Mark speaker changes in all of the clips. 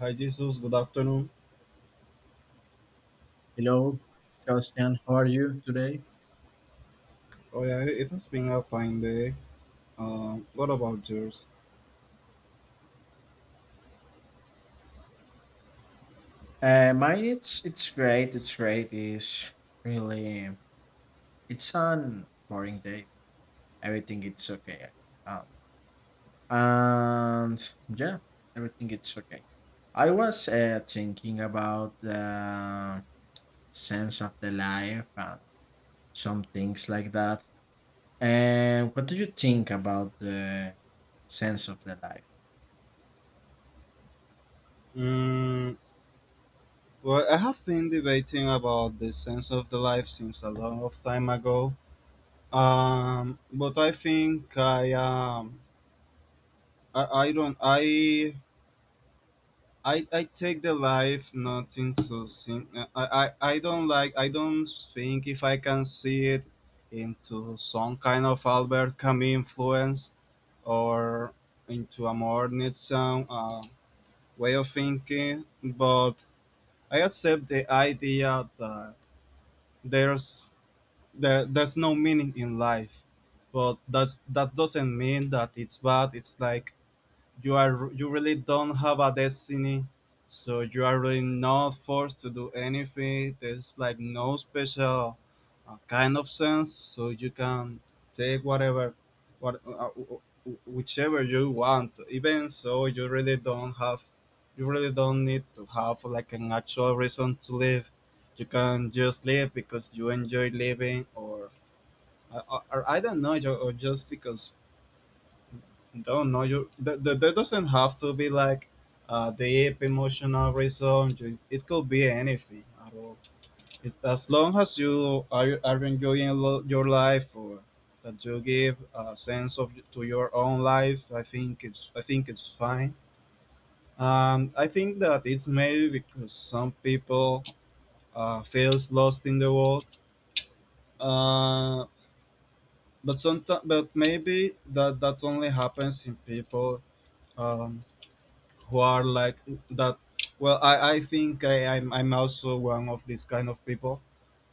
Speaker 1: Hi Jesus, good afternoon.
Speaker 2: Hello, Sebastian. How are you today?
Speaker 1: Oh yeah, it has been a fine day. What about yours?
Speaker 2: Mine, it's great. It's great. It's really, it's an boring day. Everything it's okay. Um, and yeah, everything it's okay. I was thinking about the sense of the life and some things like that. And what do you think about the sense of the life?
Speaker 1: Mm, well, I have been debating about the sense of the life since a long of time ago. But I think I don't I take the life nothing I don't like I don't think if I can see it into some kind of Albert Camus influence or into a more Nietzschean way of thinking, but I accept the idea that there's there's no meaning in life, but that doesn't mean that it's bad. It's like you really don't have a destiny, so you are really not forced to do anything. There's like no special kind of sense, so you can take whatever what whichever you want. Even so, you really don't have, you really don't need to have like an actual reason to live. You can just live because you enjoy living or or I don't know, or just because, don't know you. That doesn't have to be like a deep emotional reason. It could be anything at all. It's, as long as you are enjoying your life or that you give a sense of to your own life, I think it's fine. I think that it's maybe because some people feels lost in the world. Uh, but sometimes, but maybe that only happens in people um, who are like that. I think I'm also one of these kind of people,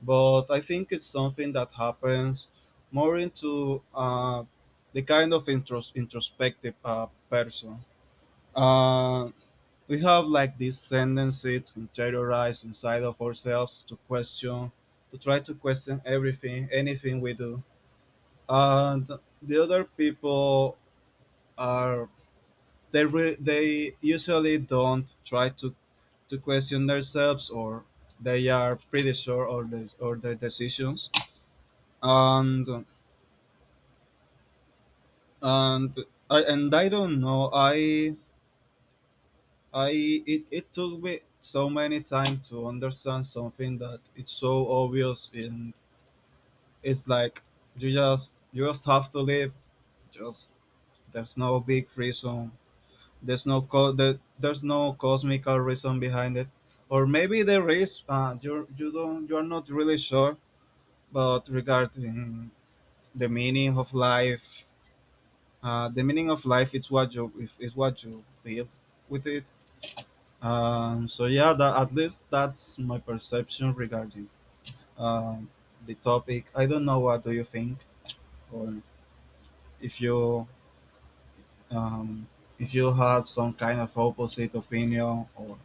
Speaker 1: but I think it's something that happens more into the kind of introspective person. uh, we have like this tendency to interiorize inside of ourselves, to question, to try to question everything, anything we do. And the other people are, they usually don't try to question themselves, or they are pretty sure of the or their decisions. And and I, and I don't know I It took me so many time to understand something that it's so obvious. And it's like you just have to live. Just, there's no big reason. There's no cosmical reason behind it, or maybe there is. You, you don't you're not really sure. But regarding the meaning of life, the meaning of life is what you if is what you build with it. So yeah, that, at least that's my perception regarding, um, the topic. I don't know, what do you think? Or if you, um, if you had some kind of opposite opinion, or,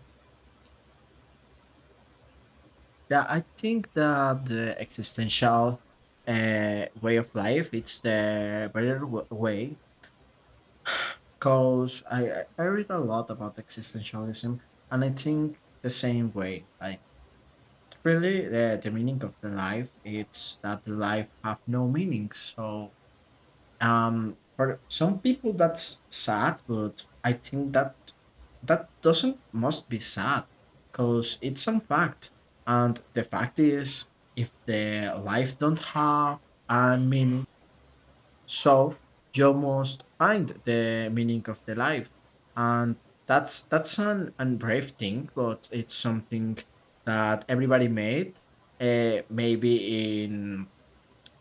Speaker 2: Yeah, I think that the existential way of life it's the better way because I read a lot about existentialism and I think the same way. Like really, the meaning of the life it's that the life have no meaning. So for some people that's sad, but I think that that doesn't must be sad because it's a fact. And the fact is, if the life don't have a meaning, so you must find the meaning of the life. And that's an brave thing, but it's something that everybody made. Uh, maybe in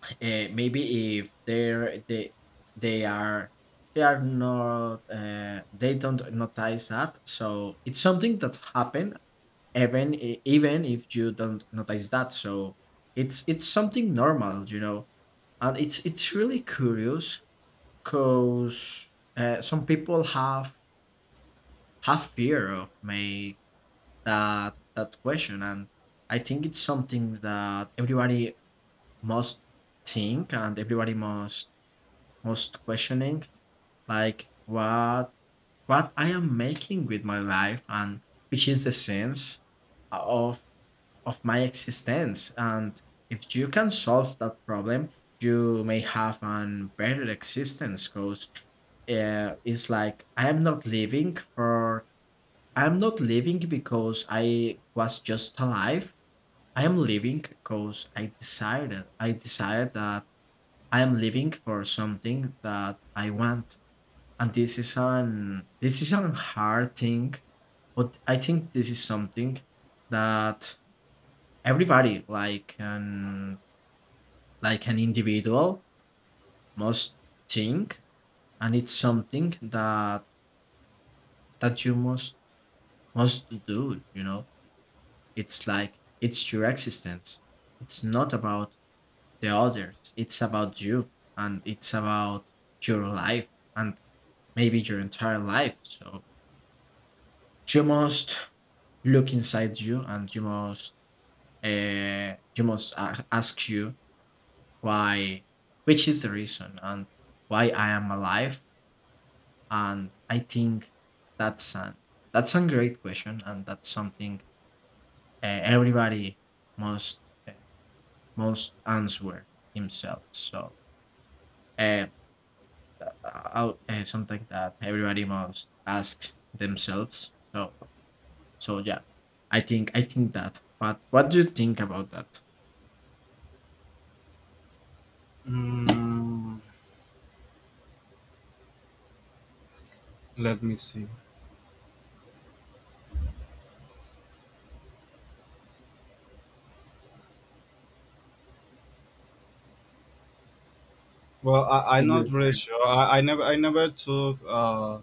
Speaker 2: Maybe if they are they are not they don't notice that so it's something that happened even even if you don't notice that so it's something normal and it's really curious because some people have fear of make that question and I think it's something that everybody must think and everybody must most questioning, like what I am making with my life and which is the sense of of my existence. And if you can solve that problem, you may have an better existence because it's like I'm not living because I was just alive. I am living because I decided that I am living for something that I want and this is an, this is a hard thing but I think this is something that everybody like an individual must think and it's something that you must do. It's like it's your existence, it's not about the others, it's about you, and it's about your life and maybe your entire life, so you must look inside you and you must ask you why, which is the reason and why I am alive. And I think that's an that's a great question and that's something everybody must uh, must answer himself. Uh, Something that everybody must ask themselves so yeah, I think that. But what do you think about that?
Speaker 1: mm, let me see. Well, I'm
Speaker 2: Thank you.
Speaker 1: not really sure. I never took uh,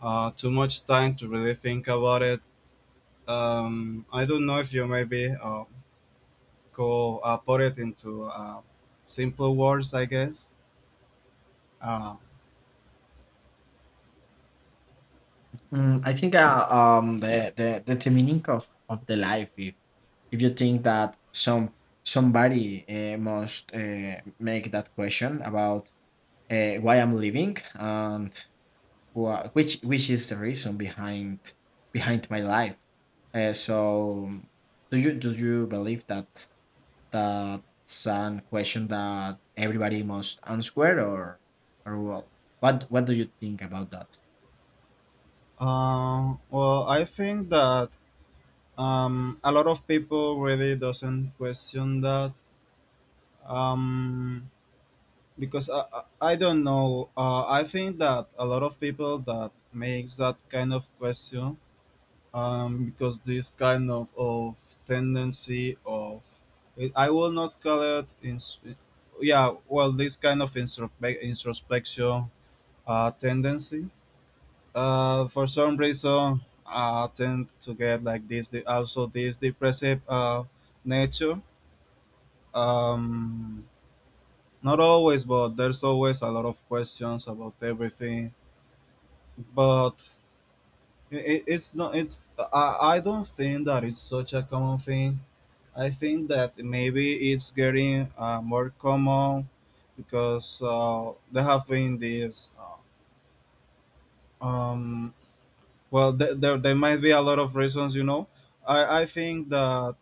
Speaker 1: uh, too much time to really think about it. I don't know if you maybe go put it into simple words, I guess. Uh,
Speaker 2: I think the meaning of the life, if you think that somebody must make that question about why I'm living and which is the reason behind my life. So do you believe that that's an question that everybody must answer, or what what do you think about that?
Speaker 1: well, I think that a lot of people really doesn't question that, um, because I don't know. I think that a lot of people that makes that kind of question, because this kind of tendency of, I will not call it, this kind of introspection tendency. For some reason, I tend to get like this de- also this depressive nature. um, Not always, but there's always a lot of questions about everything. But it's not. It's, I don't think that it's such a common thing. I think that maybe it's getting more common, because there have been these. Uh, um. Well, there, there there might be a lot of reasons. You know, I think that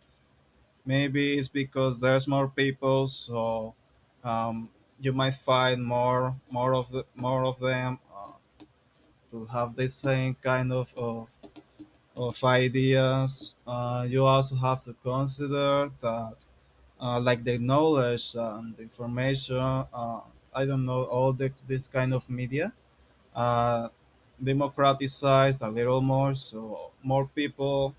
Speaker 1: maybe it's because there's more people, so um you might find more of them to have the same kind of ideas. Uh, you also have to consider that, Like the knowledge and the information, I don't know, all this kind of media uh, democratized a little more, so more people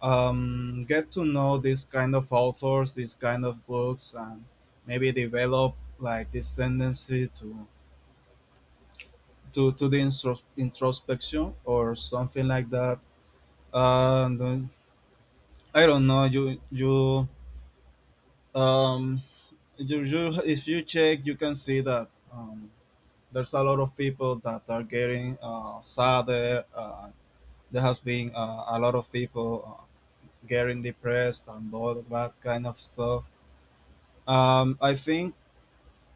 Speaker 1: get to know this kind of authors, these kind of books, and maybe develop like this tendency to the introspection or something like that. And I don't know. Um you, if you check, you can see that there's a lot of people that are getting sadder. There has been a lot of people getting depressed and all that kind of stuff. I think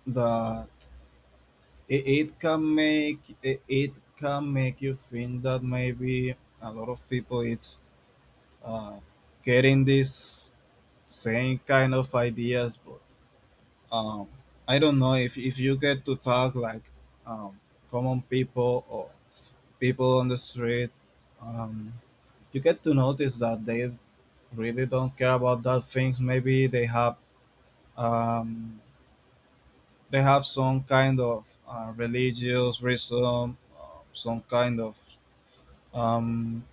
Speaker 1: that it can make, it can make you think that maybe a lot of people it's uh getting this same kind of ideas. But um, I don't know, if you get to talk like um, common people or people on the street, um, you get to notice that they really don't care about that things. Maybe um, they have some kind of religious reason, some kind of, um,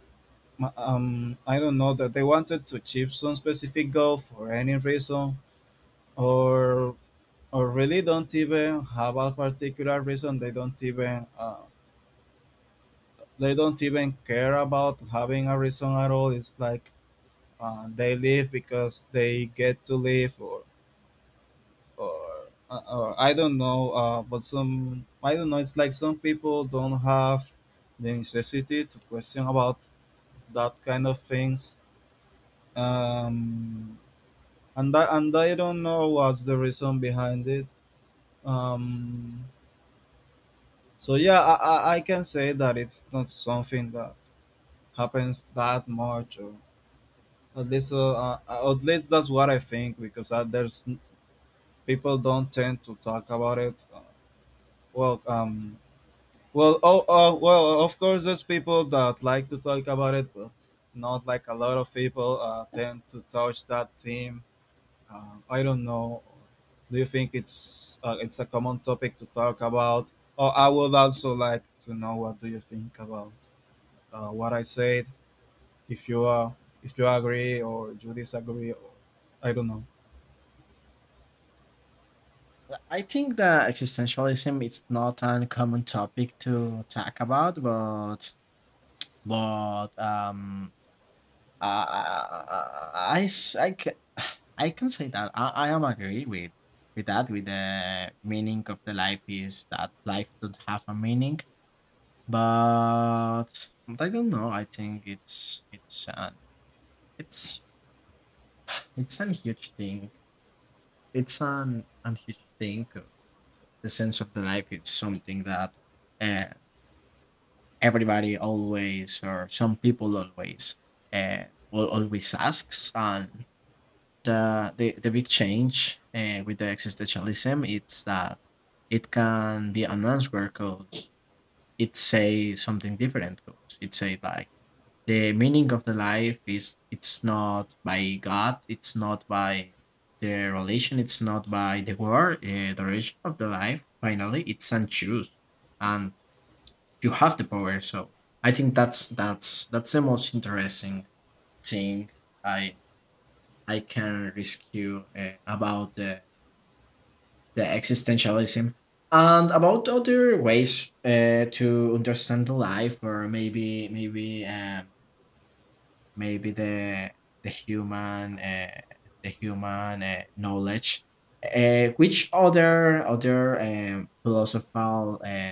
Speaker 1: I don't know, that they wanted to achieve some specific goal for any reason, or or really don't even have a particular reason. They don't even they don't even care about having a reason at all. It's like they live because they get to live, or I don't know. But some, I don't know, it's like some people don't have the necessity to question about that kind of things. Um, and that, and i don't know what's the reason behind it. um, So yeah, I can say that it's not something that happens that much, or at least uh, at least that's what I think, because people don't tend to talk about it. Well, um, well, of course, there's people that like to talk about it, but not like a lot of people tend to touch that theme. I don't know, do you think it's a common topic to talk about? Or I would also like to know what do you think about what I said. If you are, if you agree or you disagree, or, I don't know.
Speaker 2: Well, I think that existentialism is not an common topic to talk about, but I I, s- I ca- I can say that I am agree with that, with the meaning of the life is that life don't have a meaning, but but I don't know. I think it's it's a huge thing. It's an huge thing. The sense of the life is something that. eh, Everybody always, or some people always uh, will always asks, and the big change with the existentialism it's that it can be an answer because it say something different, because it say like the meaning of the life is it's not by God, it's not by the relation, it's not by the word, the relation of the life finally it's and choose, and you have the power. So I think that's the most interesting thing I I can rescue about the existentialism and about other ways to understand the life, or maybe the human, knowledge. Which other philosophical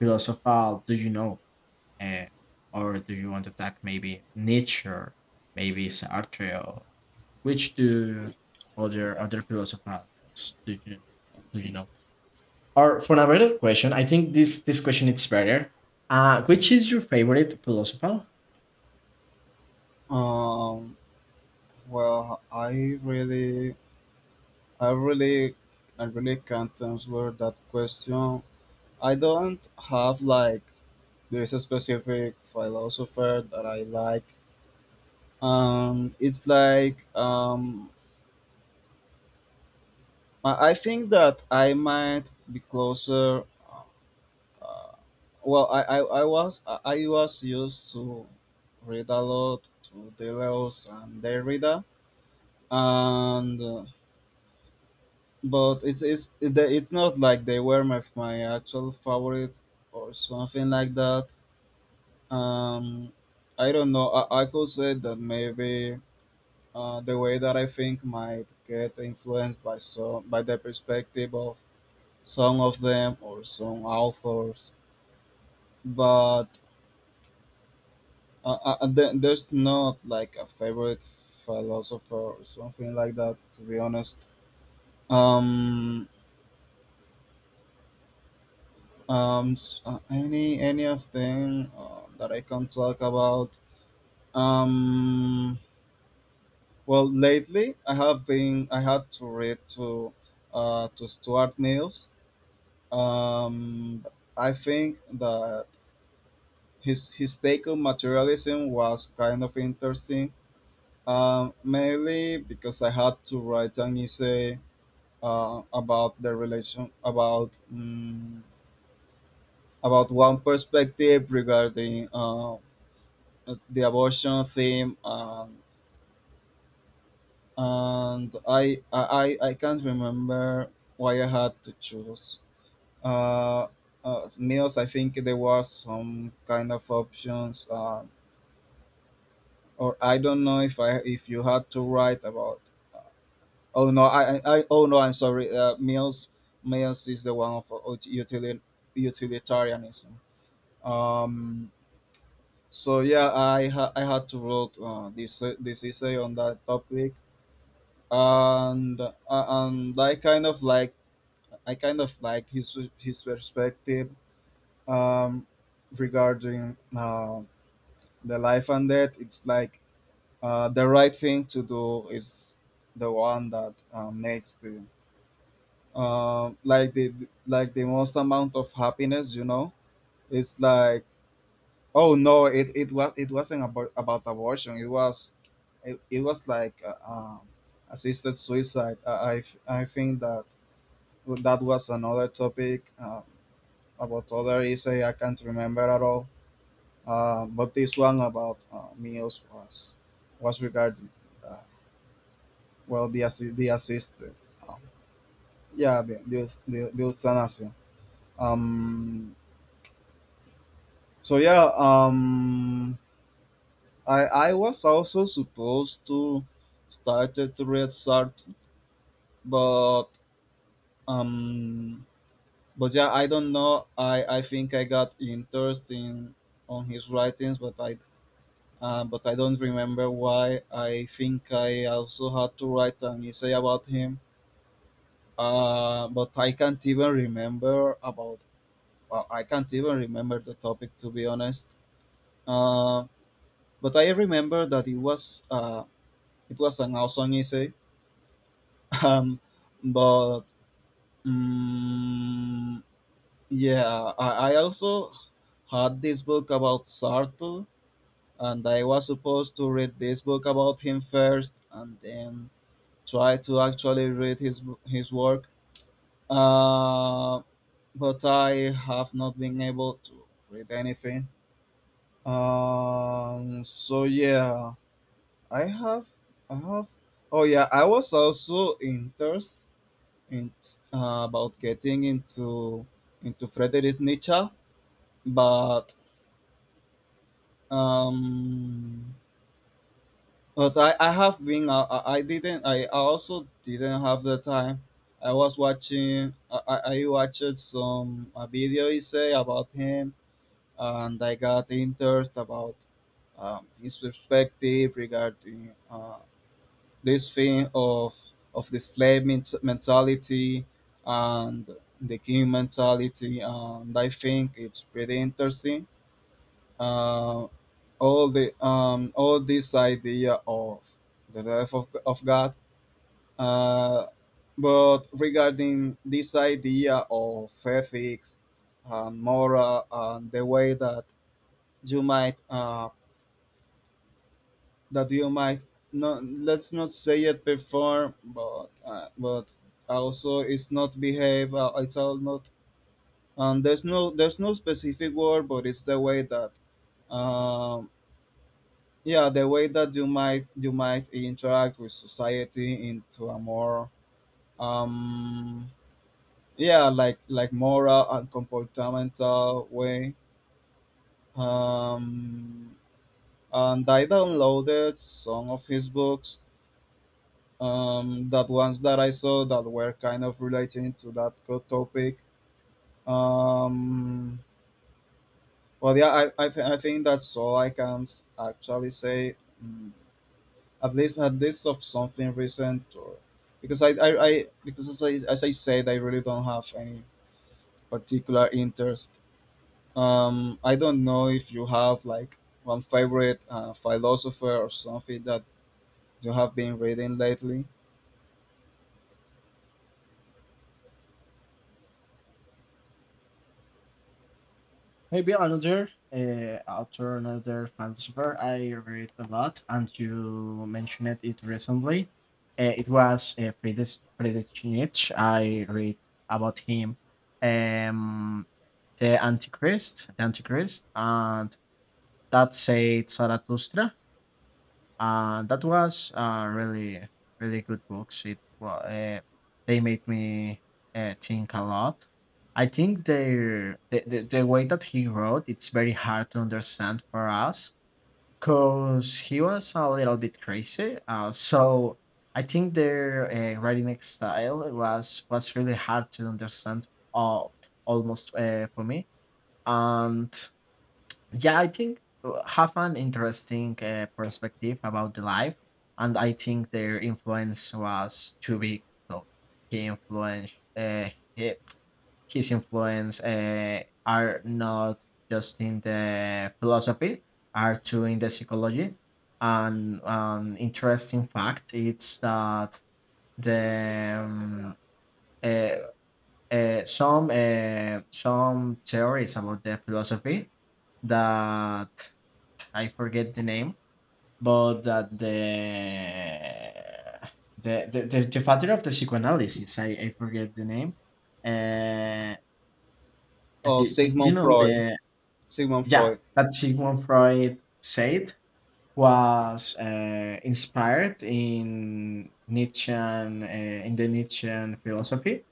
Speaker 2: philosophical do you know? uh, or do you want to attack maybe nature, maybe Sartre, or which do other philosophers do you do you know? Or for another question, I think this question is better. Which is your favorite philosopher?
Speaker 1: Um, well, I really, I really can't answer that question. I don't have like this specific philosopher that I like. It's like I think that I might be closer. Uh, I was used to read a lot to Deleuze and Derrida, and but it's not like they were my my actual favorite or something like that. Um, I don't know, I could say that maybe the way that I think might get influenced by some by the perspective of some of them or some authors, but there's not like a favorite philosopher or something like that. To be honest, um, any of them that I can talk about. Um, well, lately I have been I had to read to Stuart Mills. Um, I think that his take on materialism was kind of interesting. Mainly because I had to write an essay about the relation about about one perspective regarding the abortion theme. And I i can't remember why I had to choose uh, meals. I think there was some kind of options, or I don't know if I if you had to write about. Oh no, oh no, I'm sorry. Meals, meals is the one of utilitarianism. Um, so yeah, I had to wrote this essay on that topic. And I kind of like I kind of liked his perspective um, regarding the life and death. It's like the right thing to do is the one that makes the uh, like the like the most amount of happiness. You know, it's like, oh no, it was, it wasn't about abortion. It was, it was like assisted suicide. I think that that was another topic about other essay. I can't remember at all. But this one about meals was regarding uh, well, the the assisted, um, yeah, the the euthanasia. Um, so yeah, I was also supposed to started to read Sartre, but um but yeah, I don't know. I think I got interested in on his writings, but I don't remember why. I think I also had to write an essay about him. But I can't even remember about. Well, I can't even remember the topic, to be honest. Uh, but I remember that it was an awesome essay. Um, but mm yeah, I also had this book about Sartre, and I was supposed to read this book about him first and then try to actually read his work. Uh, but I have not been able to read anything. So yeah, I have, I have. Oh yeah, I was also interested in about getting into Friedrich Nietzsche, but um, but I have been uh, I also didn't have the time. I was watching I watched some a video essay about him, and I got interest about his perspective regarding this thing of the slave mentality and the king mentality, and I think it's pretty interesting. Um, all the all this idea of the wrath of God. Uh, but regarding this idea of ethics and moral and the way that you might that you might not, let's not say it perform, but also it's not behave, it's all not there's no specific word, but it's the way that um, yeah, the way that you might interact with society into a more um yeah, like moral and comportamental way. um and I downloaded some of his books, that ones that I saw that were kind of relating to that topic. um but yeah, I think that's all I can actually say. Mm, at least, of something recent. Or because I because as I said, I really don't have any particular interest. I don't know if you have like one favorite philosopher or something that you have been reading lately.
Speaker 2: Maybe another author, another philosopher I read a lot, and you mentioned it recently. It was Friedrich Nietzsche. I read about him, um, the Antichrist, and that said Zarathustra. That was a really really good books. It well, they made me think a lot. I think their the way that he wrote, it's very hard to understand for us because he was a little bit crazy. So I think their writing style was really hard to understand. All almost for me. And yeah, I think have an interesting perspective about the life, and I think their influence was too big. So he influenced, he, his influence, are not just in the philosophy, are too in the psychology. And an interesting fact it's that the uh, some theories about the philosophy, that I forget the name, but that the father of the psychoanalysis, I forget the name. Uh,
Speaker 1: Oh,
Speaker 2: do, you
Speaker 1: Sigmund
Speaker 2: know
Speaker 1: Freud,
Speaker 2: the
Speaker 1: Sigmund
Speaker 2: Yeah,
Speaker 1: Freud.
Speaker 2: that Sigmund Freud said was inspired in Nietzschean in the Nietzschean philosophy.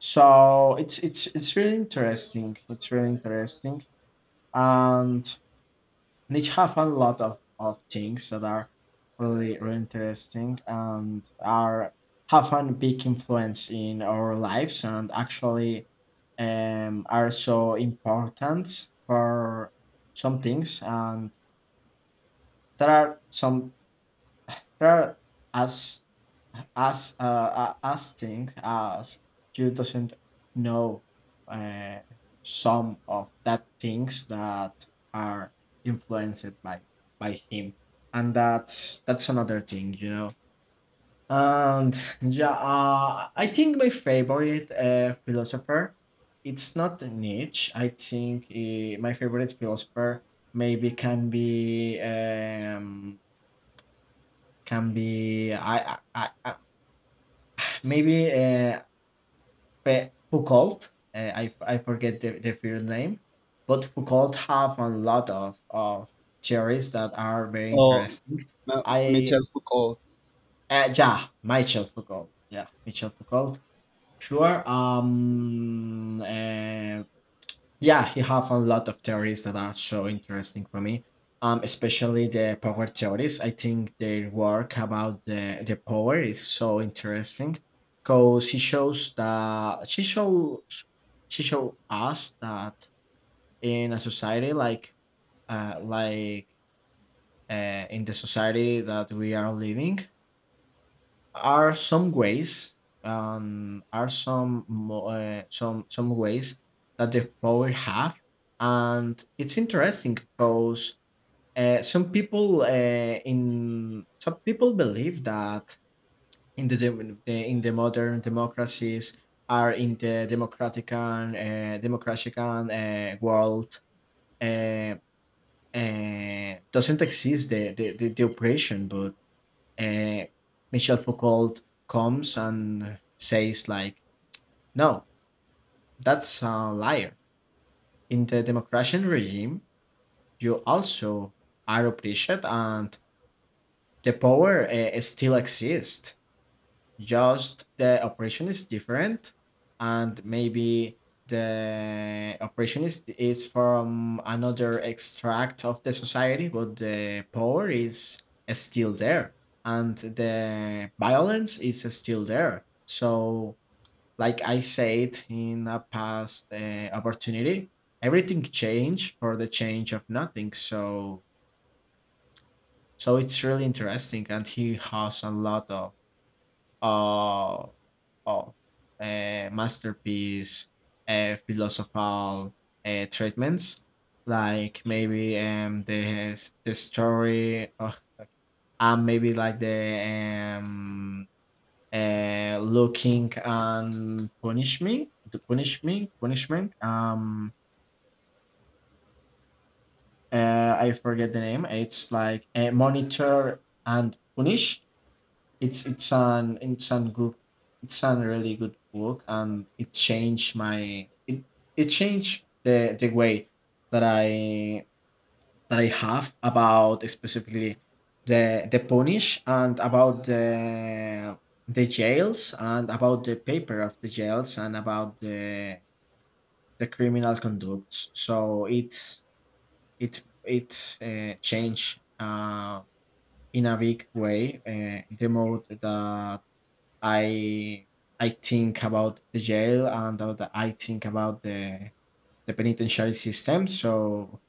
Speaker 2: So it's really interesting. It's really interesting, and and it have a lot of things that are really, really interesting, and are have a big influence in our lives, and actually are so important for some things. And there are some, they're as as asking as you doesn't know, uh, some of that things that are influenced by him, and that's another thing. And yeah, I think my favorite philosopher, it's not Nietzsche. I think my favorite philosopher maybe can be, can be I Maybe uh, Foucault. I forget the first name, but Foucault have a lot of theories that are very
Speaker 1: Oh,
Speaker 2: interesting. I
Speaker 1: Michel Foucault.
Speaker 2: yeah, Michel Foucault. Yeah, Michel Foucault. Sure. Yeah, he have a lot of theories that are so interesting for me. Especially the power theories. I think their work about the power is so interesting because he shows that she shows she show us that in a society like, uh, like in the society that we are living, are some ways, are some mo- some ways that the power have. And it's interesting because uh, some people uh, some people believe that in the modern democracies, are in the democratic and democratic and world, uh, doesn't exist the oppression. But uh, Michel Foucault comes and says like, no, that's a liar. In the democratic regime, you also are oppressed, and the power still exists. Just the operation is different, and maybe the operation is from another extract of the society, but the power is still there, and the violence is still there. So, like I said in a past opportunity, everything changed for the change of nothing. so it's really interesting, and he has a lot of of masterpiece philosophical treatments, like maybe the, the story of, and maybe like the looking and punishment, the punishment. I forget the name. It's like monitor and punish. It's it's an it's an good it's an really good book, and it changed the way that I that I have about, specifically, the punish, and about the jails, and about the paper of the jails, and about the criminal conducts. So it changed in a big way the mode that I I think about the jail, and I think about the penitentiary system. So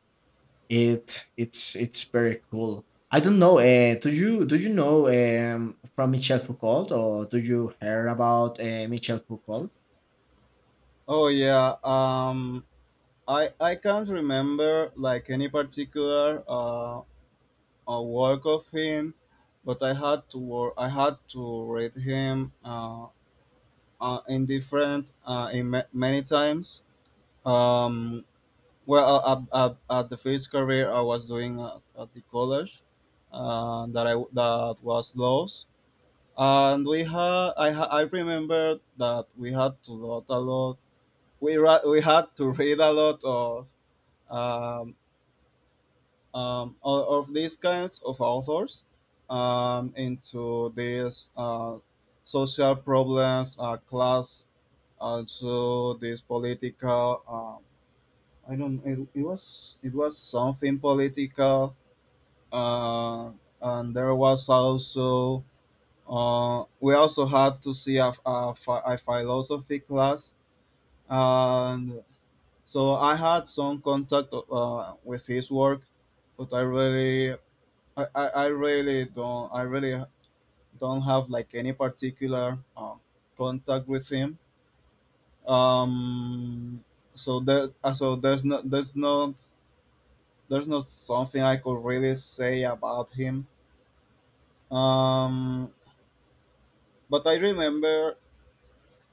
Speaker 2: it's very cool. I don't know. Do you know from Michel Foucault, or do you hear about Michel Foucault?
Speaker 1: Oh yeah. I can't remember like any particular a work of him, but I had to work. I had to read him in different in many times. Um, well, at the first career I was doing at the college, that I that was laws, and we had I remember that we had to lot a lot. We we had to read a lot of um, of these kinds of authors, into these social problems, class, also this political. I don't. It was, it was something political, uh, and there was also we also had to see a, a philosophy class, and so I had some contact with his work, but I really don't, I really don't have like any particular contact with him. Um, so there's no, there's not something I could really say about him. Um, but I remember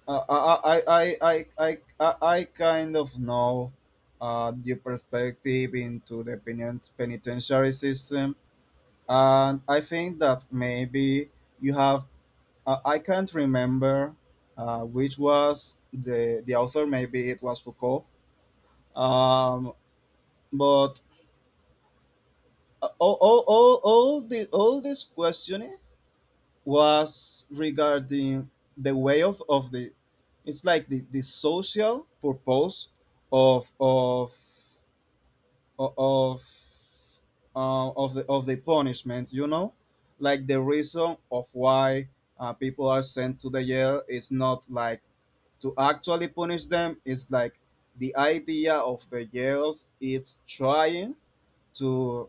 Speaker 1: I kind of know your perspective into the penitentiary system, and I think that maybe you have I can't remember which was the author. Maybe it was Foucault. Um, but all this questioning was regarding the way of the. It's like the social purpose of of of of the of the punishment. You know, like the reason of why people are sent to the jail is not like to actually punish them, is like the idea of the jails. It's trying to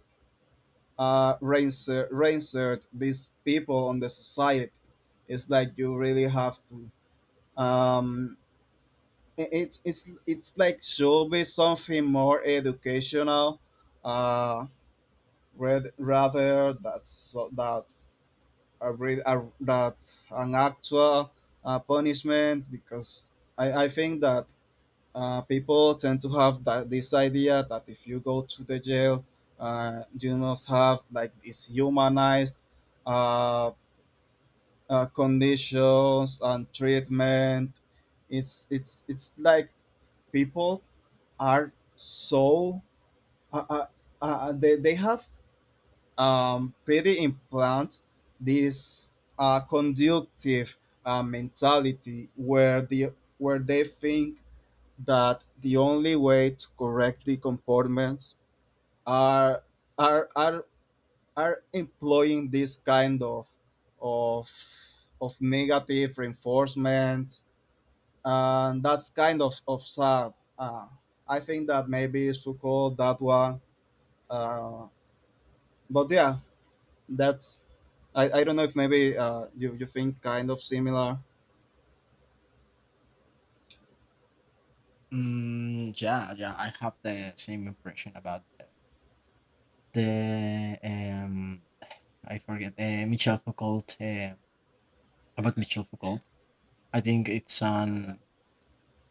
Speaker 1: reinsert these people on the society. It's like you really have to. Um, it's it's like should be something more educational, uh, rather that so that a, re- a that an actual punishment because I think that people tend to have that this idea that if you go to the jail, you must have like this humanized uh, conditions and treatment. It's like people are so uh, uh, they have pretty implant this conductive mentality where they think that the only way to correct the comportments are are are are employing this kind of of of negative reinforcement, and that's kind of sad. uh, I think that maybe it's so called that one. uh, but yeah, that's, I don't know if maybe you think kind of similar.
Speaker 2: Mm, yeah, yeah. I have the same impression about the. I forget Michel Foucault about Michel Foucault. I think it's an,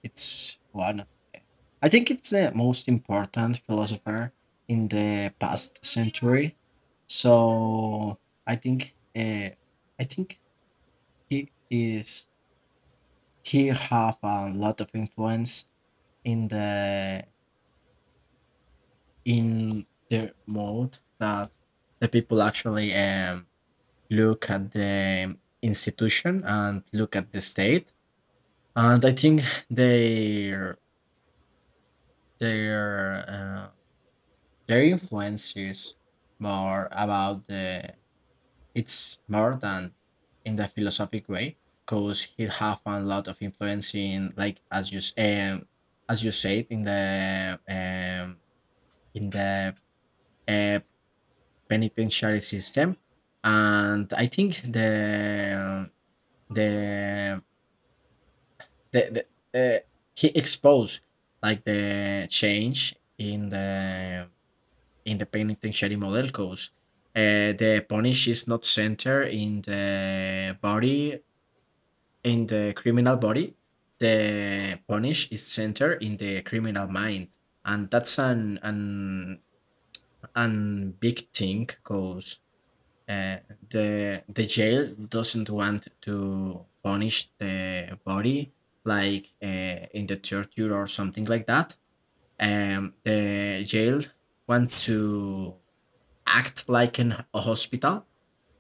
Speaker 2: It's one of the, I think it's the most important philosopher in the past century. So I think, I think he is he have a lot of influence in the in the mode that the people actually look at the institution and look at the state, and I think their their uh, their influence is more about the it's more than in the philosophic way, because he have a lot of influence in, like, as you as you said, in the uh, penitentiary system. And I think the the, the he exposed like the change in the penitentiary model, because the punish is not centered in the body in the criminal body the punish is centered in the criminal mind and that's an and big thing because uh, the jail doesn't want to punish the body like in the torture or something like that. The jail want to act like a hospital,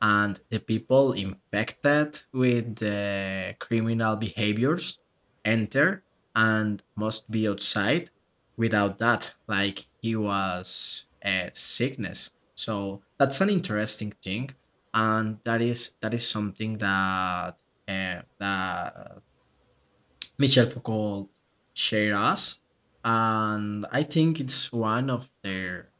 Speaker 2: and the people infected with the criminal behaviors enter and must be outside, without that, like he was a sickness. So that's an interesting thing, and that is something that that Michel Foucault Shiraz, and I think it's one of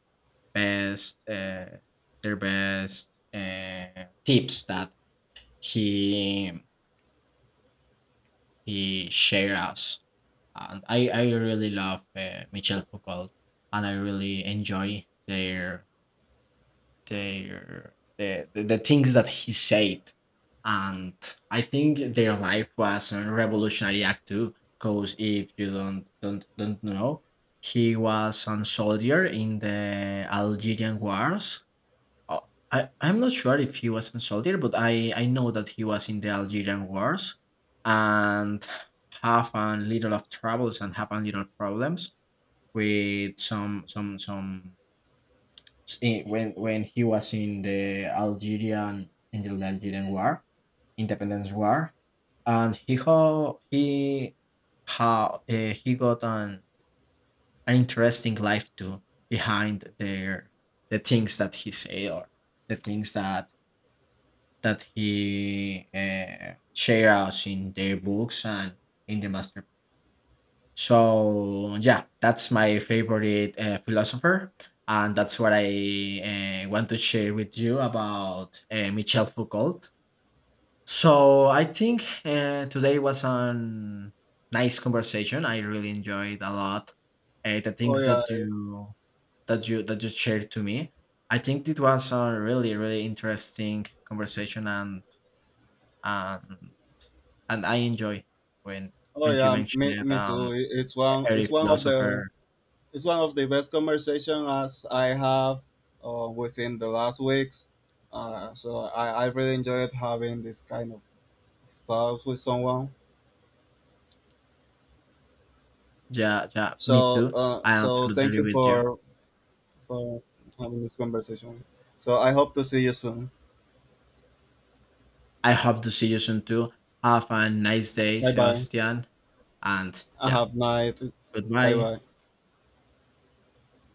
Speaker 2: best uh, their best tips that he he shared us. And I really love Michel Foucault, and I really enjoy their the things that he said. And I think their life was a revolutionary act too, because if you don't know, he was a soldier in the Algerian wars. Oh, I'm not sure if he was a soldier, but i know that he was in the Algerian wars and have a little of troubles and have a little problems with some in, when he was in the Algerian Independence War, and he got an interesting life too behind their, the things that he say, or the things that he share us in their books and in the masterpiece. So yeah, that's my favorite philosopher, and that's what I want to share with you about Michel Foucault. So I think today was a nice conversation. I really enjoyed a lot the
Speaker 1: Oh
Speaker 2: things
Speaker 1: yeah.
Speaker 2: that you that you shared to me. I think it was a really really interesting conversation, and and I enjoy when
Speaker 1: Oh
Speaker 2: when you
Speaker 1: yeah,
Speaker 2: mentioned
Speaker 1: me,
Speaker 2: it,
Speaker 1: me too.
Speaker 2: every
Speaker 1: It's one of the,
Speaker 2: philosopher.
Speaker 1: it's one of the best conversations I have within the last weeks. So I really enjoyed having this kind of talks with someone.
Speaker 2: Yeah, yeah, me
Speaker 1: So
Speaker 2: too. I am
Speaker 1: so thank
Speaker 2: absolutely
Speaker 1: you
Speaker 2: with you.
Speaker 1: for having this conversation. So I hope to see you soon.
Speaker 2: I hope to see you soon too. Have a nice day,
Speaker 1: Bye bye.
Speaker 2: Sebastian. And
Speaker 1: I
Speaker 2: yeah,
Speaker 1: have night. Bye
Speaker 2: goodbye.
Speaker 1: bye.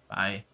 Speaker 2: Bye.